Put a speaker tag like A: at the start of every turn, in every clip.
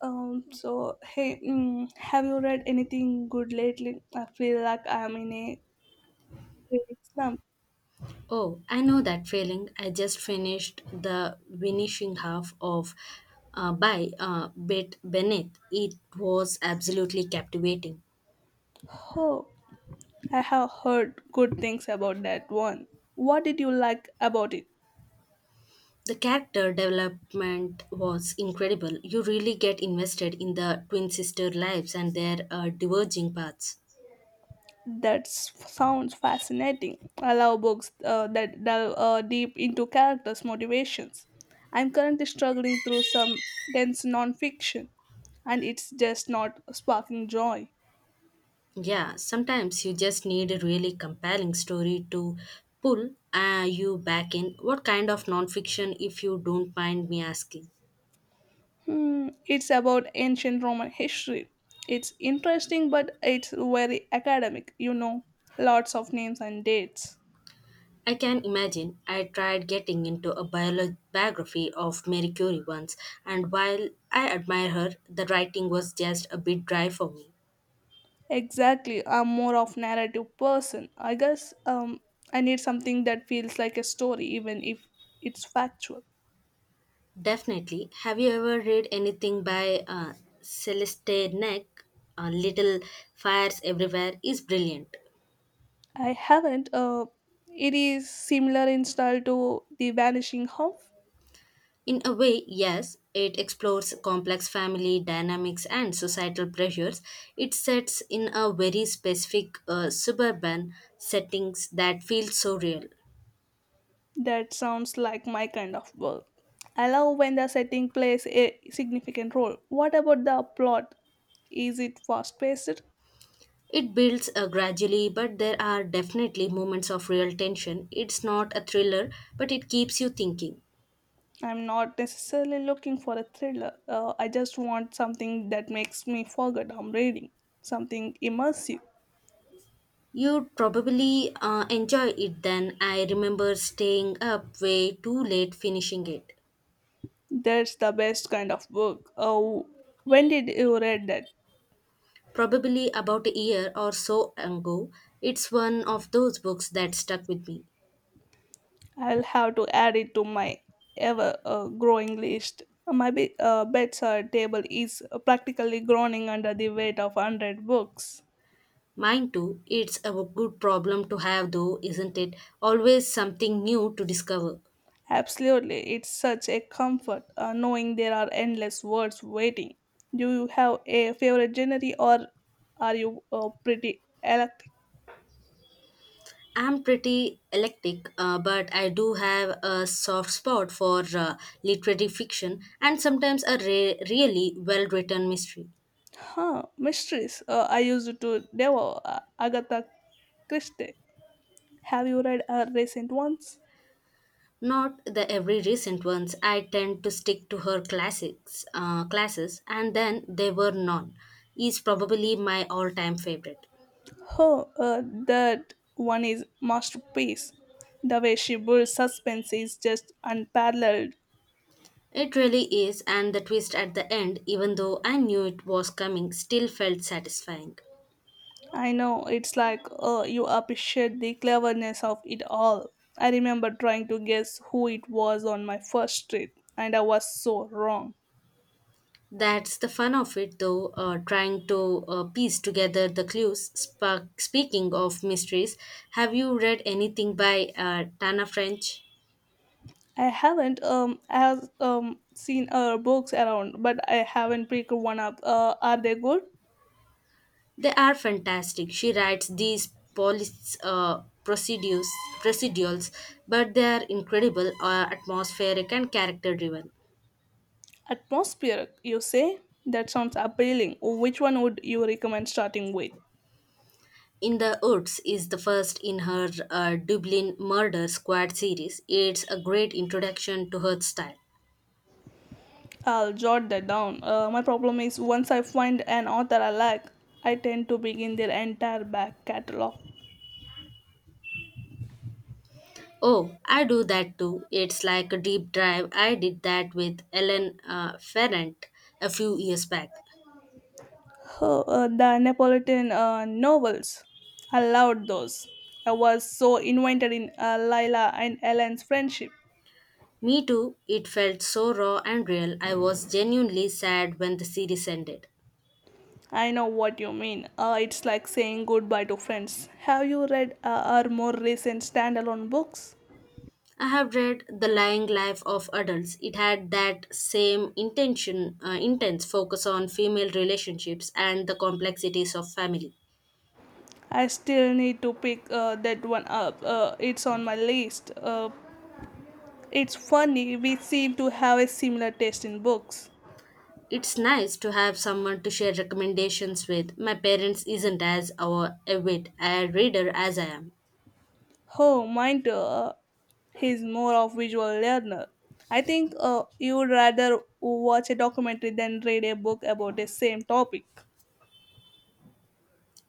A: Have you read anything good lately? I feel like I'm in a reading slump.
B: Oh, I know that feeling. I just finished the finishing half of by Bit Beneath. It was absolutely captivating.
A: Oh, I have heard good things about that one. What did you like about it?
B: The character development was incredible. You really get invested in the twin sister lives and their diverging paths.
A: That sounds fascinating. I love books that delve deep into characters' motivations. I'm currently struggling through some dense nonfiction, and it's just not sparking joy.
B: Yeah, sometimes you just need a really compelling story to pull you back in. What kind of nonfiction, if you don't mind me asking?
A: Hmm, it's about ancient Roman history. It's interesting, but it's very academic, you know. Lots of names and dates.
B: I can imagine. I tried getting into a biography of Mary Curie once, and while I admire her, the writing was just a bit dry for me.
A: Exactly, I'm more of narrative person. I guess I need something that feels like a story, even if it's factual.
B: Definitely. Have you ever read anything by Celeste Neck? Little Fires Everywhere is brilliant.
A: I haven't. It is similar in style to The Vanishing Half.
B: In a way, yes, it explores complex family dynamics and societal pressures. It sets in a very specific suburban settings that feel so real.
A: That sounds like my kind of work. I love when the setting plays a significant role. What about the plot? Is it fast paced?
B: It builds gradually, but there are definitely moments of real tension. It's not a thriller, but it keeps you thinking.
A: I'm not necessarily looking for a thriller. I just want something that makes me forget I'm reading, something immersive.
B: You'd probably enjoy it then. I remember staying up way too late finishing it.
A: That's the best kind of book. Oh, when did you read that?
B: Probably about a year or so ago, it's one of those books that stuck with me.
A: I'll have to add it to my ever growing list. My bedside table is practically groaning under the weight of 100 books.
B: Mine too, it's a good problem to have though, isn't it? Always something new to discover.
A: Absolutely, it's such a comfort knowing there are endless words waiting. Do you have a favorite genre or are you pretty eclectic?
B: I'm pretty eclectic, but I do have a soft spot for literary fiction and sometimes a really well written mystery.
A: Huh, mysteries. I used to devour Agatha Christie. Have you read her recent ones?
B: Not the every recent ones. I tend to stick to her classics, classes, and then they were none. Is probably my all-time favorite.
A: Oh, that one is masterpiece. The way she builds suspense is just unparalleled.
B: It really is, and the twist at the end, even though I knew it was coming, still felt satisfying.
A: I know it's like you appreciate the cleverness of it all. I remember trying to guess who it was on my first trip, and I was so wrong.
B: That's the fun of it, though, trying to piece together the clues. Spark, speaking of mysteries, have you read anything by Tana French?
A: I haven't as seen her books around, but I haven't picked one up. Are they good?
B: They are fantastic. She writes these police procedurals, but they are incredible, atmospheric, and character driven.
A: Atmospheric, you say? That sounds appealing. Which one would you recommend starting with?
B: In the Woods is the first in her Dublin Murder Squad series. It's a great introduction to her style.
A: I'll jot that down. My problem is once I find an author I like, I tend to begin their entire back catalog.
B: Oh, I do that too. It's like a deep dive. I did that with Ellen Ferrant a few years back.
A: Oh, the Neapolitan novels. I loved those. I was so invented in Lila and Ellen's friendship.
B: Me too. It felt so raw and real. I was genuinely sad when the series ended.
A: I know what you mean. It's like saying goodbye to friends. Have you read our more recent standalone books?
B: I have read The Lying Life of Adults. It had that same intention, intense focus on female relationships and the complexities of family.
A: I still need to pick that one up. It's on my list. It's funny, we seem to have a similar taste in books.
B: It's nice to have someone to share recommendations with. My parents isn't as our avid a reader as I am.
A: Oh, mine too. He's more of visual learner. I think you'd rather watch a documentary than read a book about the same topic.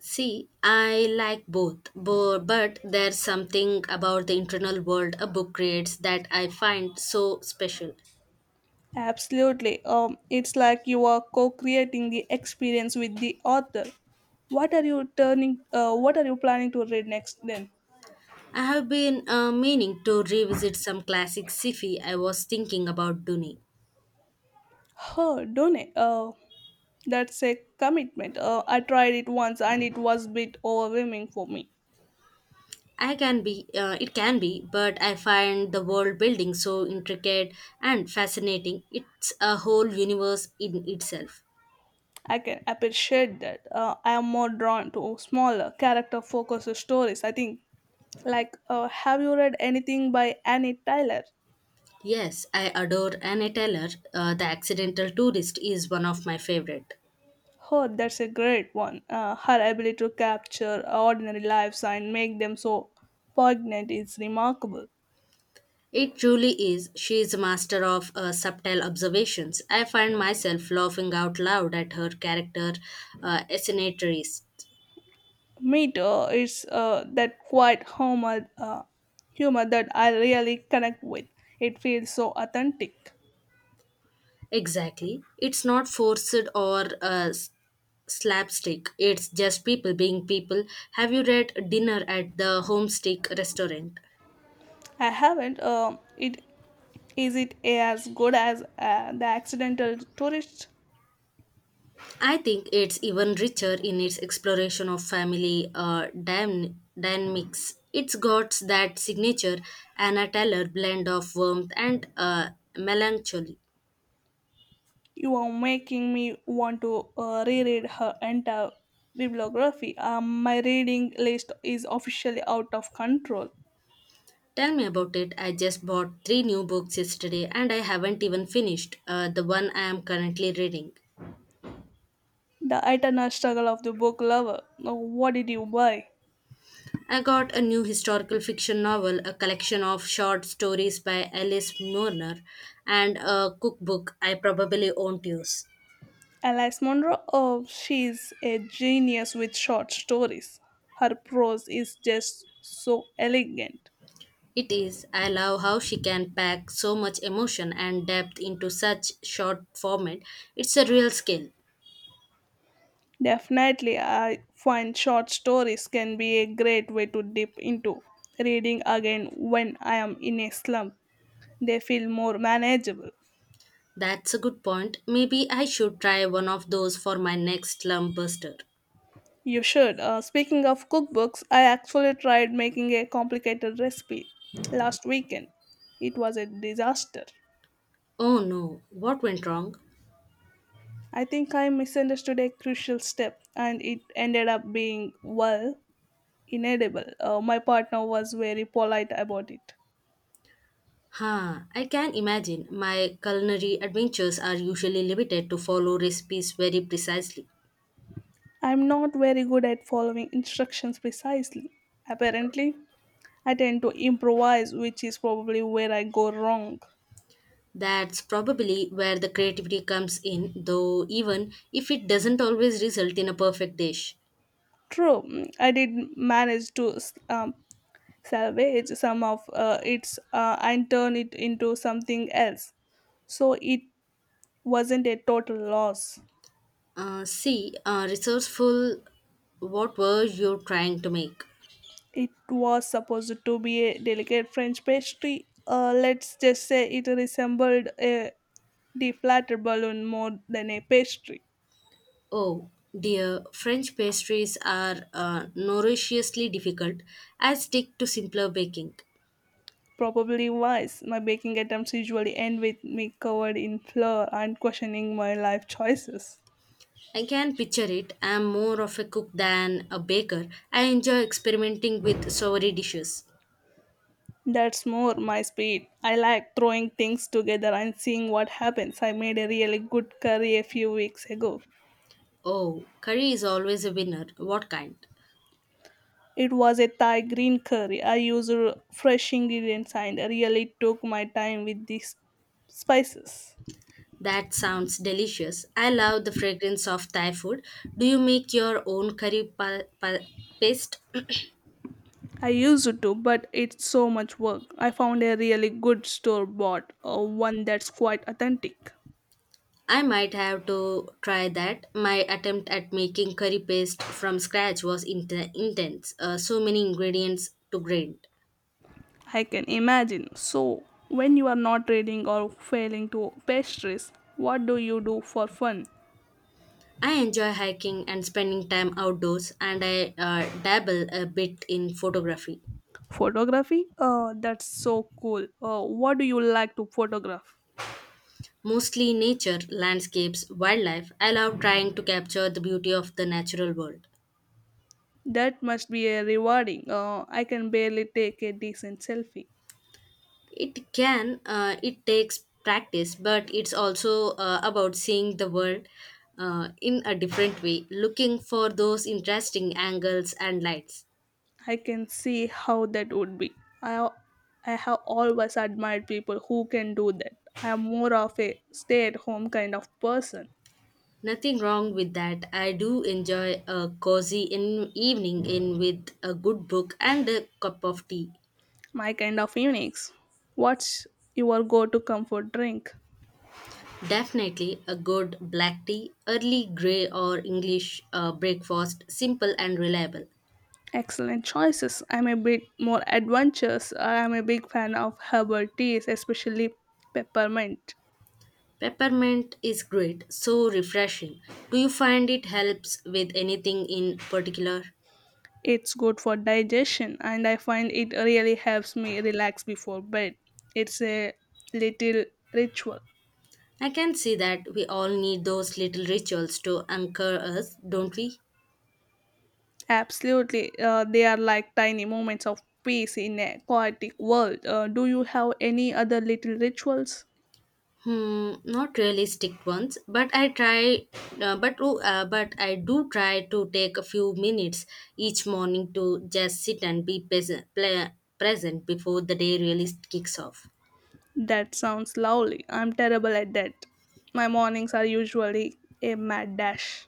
B: See, I like both, but there's something about the internal world a book creates that I find so special.
A: Absolutely. It's like you are co-creating the experience with the author. What are you turning? What are you planning to read next then?
B: I have been meaning to revisit some classic sci-fi I was thinking about doing.
A: Oh, don't I? That's a commitment. I tried it once and it was a bit overwhelming for me.
B: I can be, it can be, but I find the world building so intricate and fascinating. It's a whole universe in itself.
A: I can appreciate that. I am more drawn to smaller, character focused stories, I think. Like, have you read anything by Annie Tyler?
B: Yes, I adore Anna Taylor. The Accidental Tourist is one of my favorite.
A: Oh, that's a great one. Her ability to capture ordinary lives and make them so poignant is remarkable.
B: It truly is. She is a master of subtle observations. I find myself laughing out loud at her character assinatories.
A: Me is that quiet humor, humor that I really connect with. It feels so authentic.
B: Exactly. It's not forced or slapstick. It's just people being people. Have you read Dinner at the Homestick restaurant?
A: I haven't. It is it as good as the accidental tourist?
B: I think it's even richer in its exploration of family dynamics. It's got that signature Anna Taylor blend of warmth and melancholy.
A: You are making me want to reread her entire bibliography. My reading list is officially out of control.
B: Tell me about it. I just bought three new books yesterday and I haven't even finished the one I am currently reading.
A: The eternal struggle of the book lover. What did you buy?
B: I got a new historical fiction novel, a collection of short stories by Alice Murner, and a cookbook I probably won't use.
A: Alice Munro, oh, she's a genius with short stories. Her prose is just so elegant.
B: It is. I love how she can pack so much emotion and depth into such short format. It's a real skill.
A: Definitely, I find short stories can be a great way to dip into reading again when I am in a slump. They feel more manageable.
B: That's a good point. Maybe I should try one of those for my next slump buster.
A: You should. Speaking of cookbooks, I actually tried making a complicated recipe last weekend. It was a disaster.
B: Oh no, what went wrong?
A: I think I misunderstood a crucial step and it ended up being, well, inedible. My partner was very polite about it.
B: Huh, I can imagine. My culinary adventures are usually limited to follow recipes very precisely.
A: I'm not very good at following instructions precisely. Apparently, I tend to improvise, which is probably where I go wrong.
B: That's probably where the creativity comes in, though, even if it doesn't always result in a perfect dish.
A: True, I did manage to um, salvage some of its and turn it into something else, so it wasn't a total loss.
B: See, resourceful, what were you trying to make?
A: It was supposed to be a delicate French pastry. Let's just say it resembled a deflated balloon more than a pastry.
B: Oh dear, French pastries are norously difficult. I stick to simpler baking.
A: Probably wise. My baking attempts usually end with me covered in flour and questioning my life choices.
B: I can picture it. I am more of a cook than a baker. I enjoy experimenting with savory dishes.
A: That's more my speed. I like throwing things together and seeing what happens. I made a really good curry a few weeks ago.
B: Oh, curry is always a winner. What kind?
A: It was a Thai green curry. I used fresh ingredients and really took my time with these spices.
B: That sounds delicious. I love the fragrance of Thai food. Do you make your own curry paste?
A: I used to, but it's so much work. I found a really good store bought, one that's quite authentic.
B: I might have to try that. My attempt at making curry paste from scratch was intense, so many ingredients to grind.
A: I can imagine. So, when you are not reading or failing to pastries, what do you do for fun?
B: I enjoy hiking and spending time outdoors, and I dabble a bit in photography.
A: Photography? Oh, that's so cool. Oh, what do you like to photograph?
B: Mostly nature, landscapes, wildlife. I love trying to capture the beauty of the natural world.
A: That must be a rewarding. I can barely take a decent selfie.
B: It can, it takes practice, but it's also about seeing the world in a different way, looking for those interesting angles and lights.
A: I can see how that would be. I, I have always admired people who can do that. I am more of a stay at home kind of person.
B: Nothing wrong with that. I do enjoy a cozy in evening in with a good book and a cup of tea.
A: My kind of unique. What's your go to comfort drink?
B: Definitely a good black tea, early grey or English breakfast, simple and reliable.
A: Excellent choices. I'm a bit more adventurous. I'm a big fan of herbal teas, especially peppermint.
B: Peppermint is great, so refreshing. Do you find it helps with anything in particular?
A: It's good for digestion, and I find it really helps me relax before bed. It's a little ritual.
B: I can see that we all need those little rituals to anchor us, don't we?
A: Absolutely, they are like tiny moments of peace in a chaotic world. Do you have any other little rituals?
B: Hmm, not really strict ones, but I try, but oh, but I do try to take a few minutes each morning to just sit and be present, present before the day really kicks off.
A: That sounds lovely. I'm terrible at that. My mornings are usually a mad dash.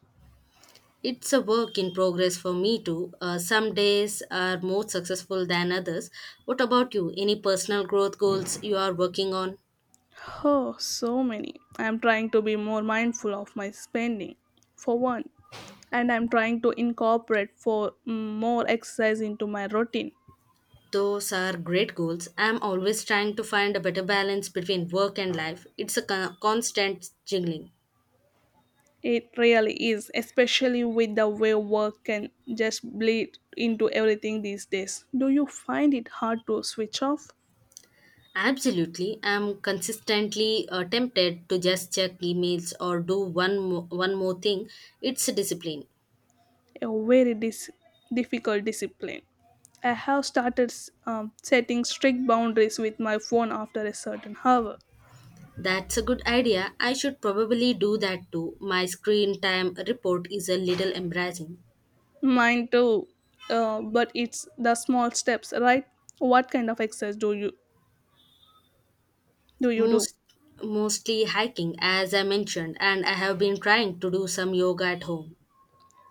B: It's a work in progress for me too. Some days are more successful than others. What about you? Any personal growth goals you are working on?
A: Oh, so many. I'm trying to be more mindful of my spending, for one, and I'm trying to incorporate for more exercise into my routine.
B: Those are great goals. I'm always trying to find a better balance between work and life. It's a constant jiggling.
A: It really is, especially with the way work can just bleed into everything these days. Do you find it hard to switch off?
B: Absolutely. I'm consistently tempted to just check emails or do one more thing. It's a discipline.
A: A very difficult discipline. I have started setting strict boundaries with my phone after a certain hour.
B: That's a good idea. I should probably do that too. My screen time report is a little embarrassing.
A: Mine too. But it's the small steps, right? What kind of exercise do you do?
B: Most Mostly hiking as I mentioned and I have been trying to do some yoga at home.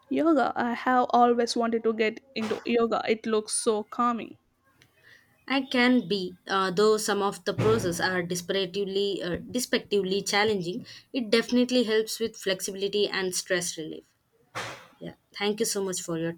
A: Yoga. I have always wanted to get into yoga. It looks so calming.
B: I can be though some of the process are desperately despectively challenging. It definitely helps with flexibility and stress relief. Yeah. Thank you so much for your time.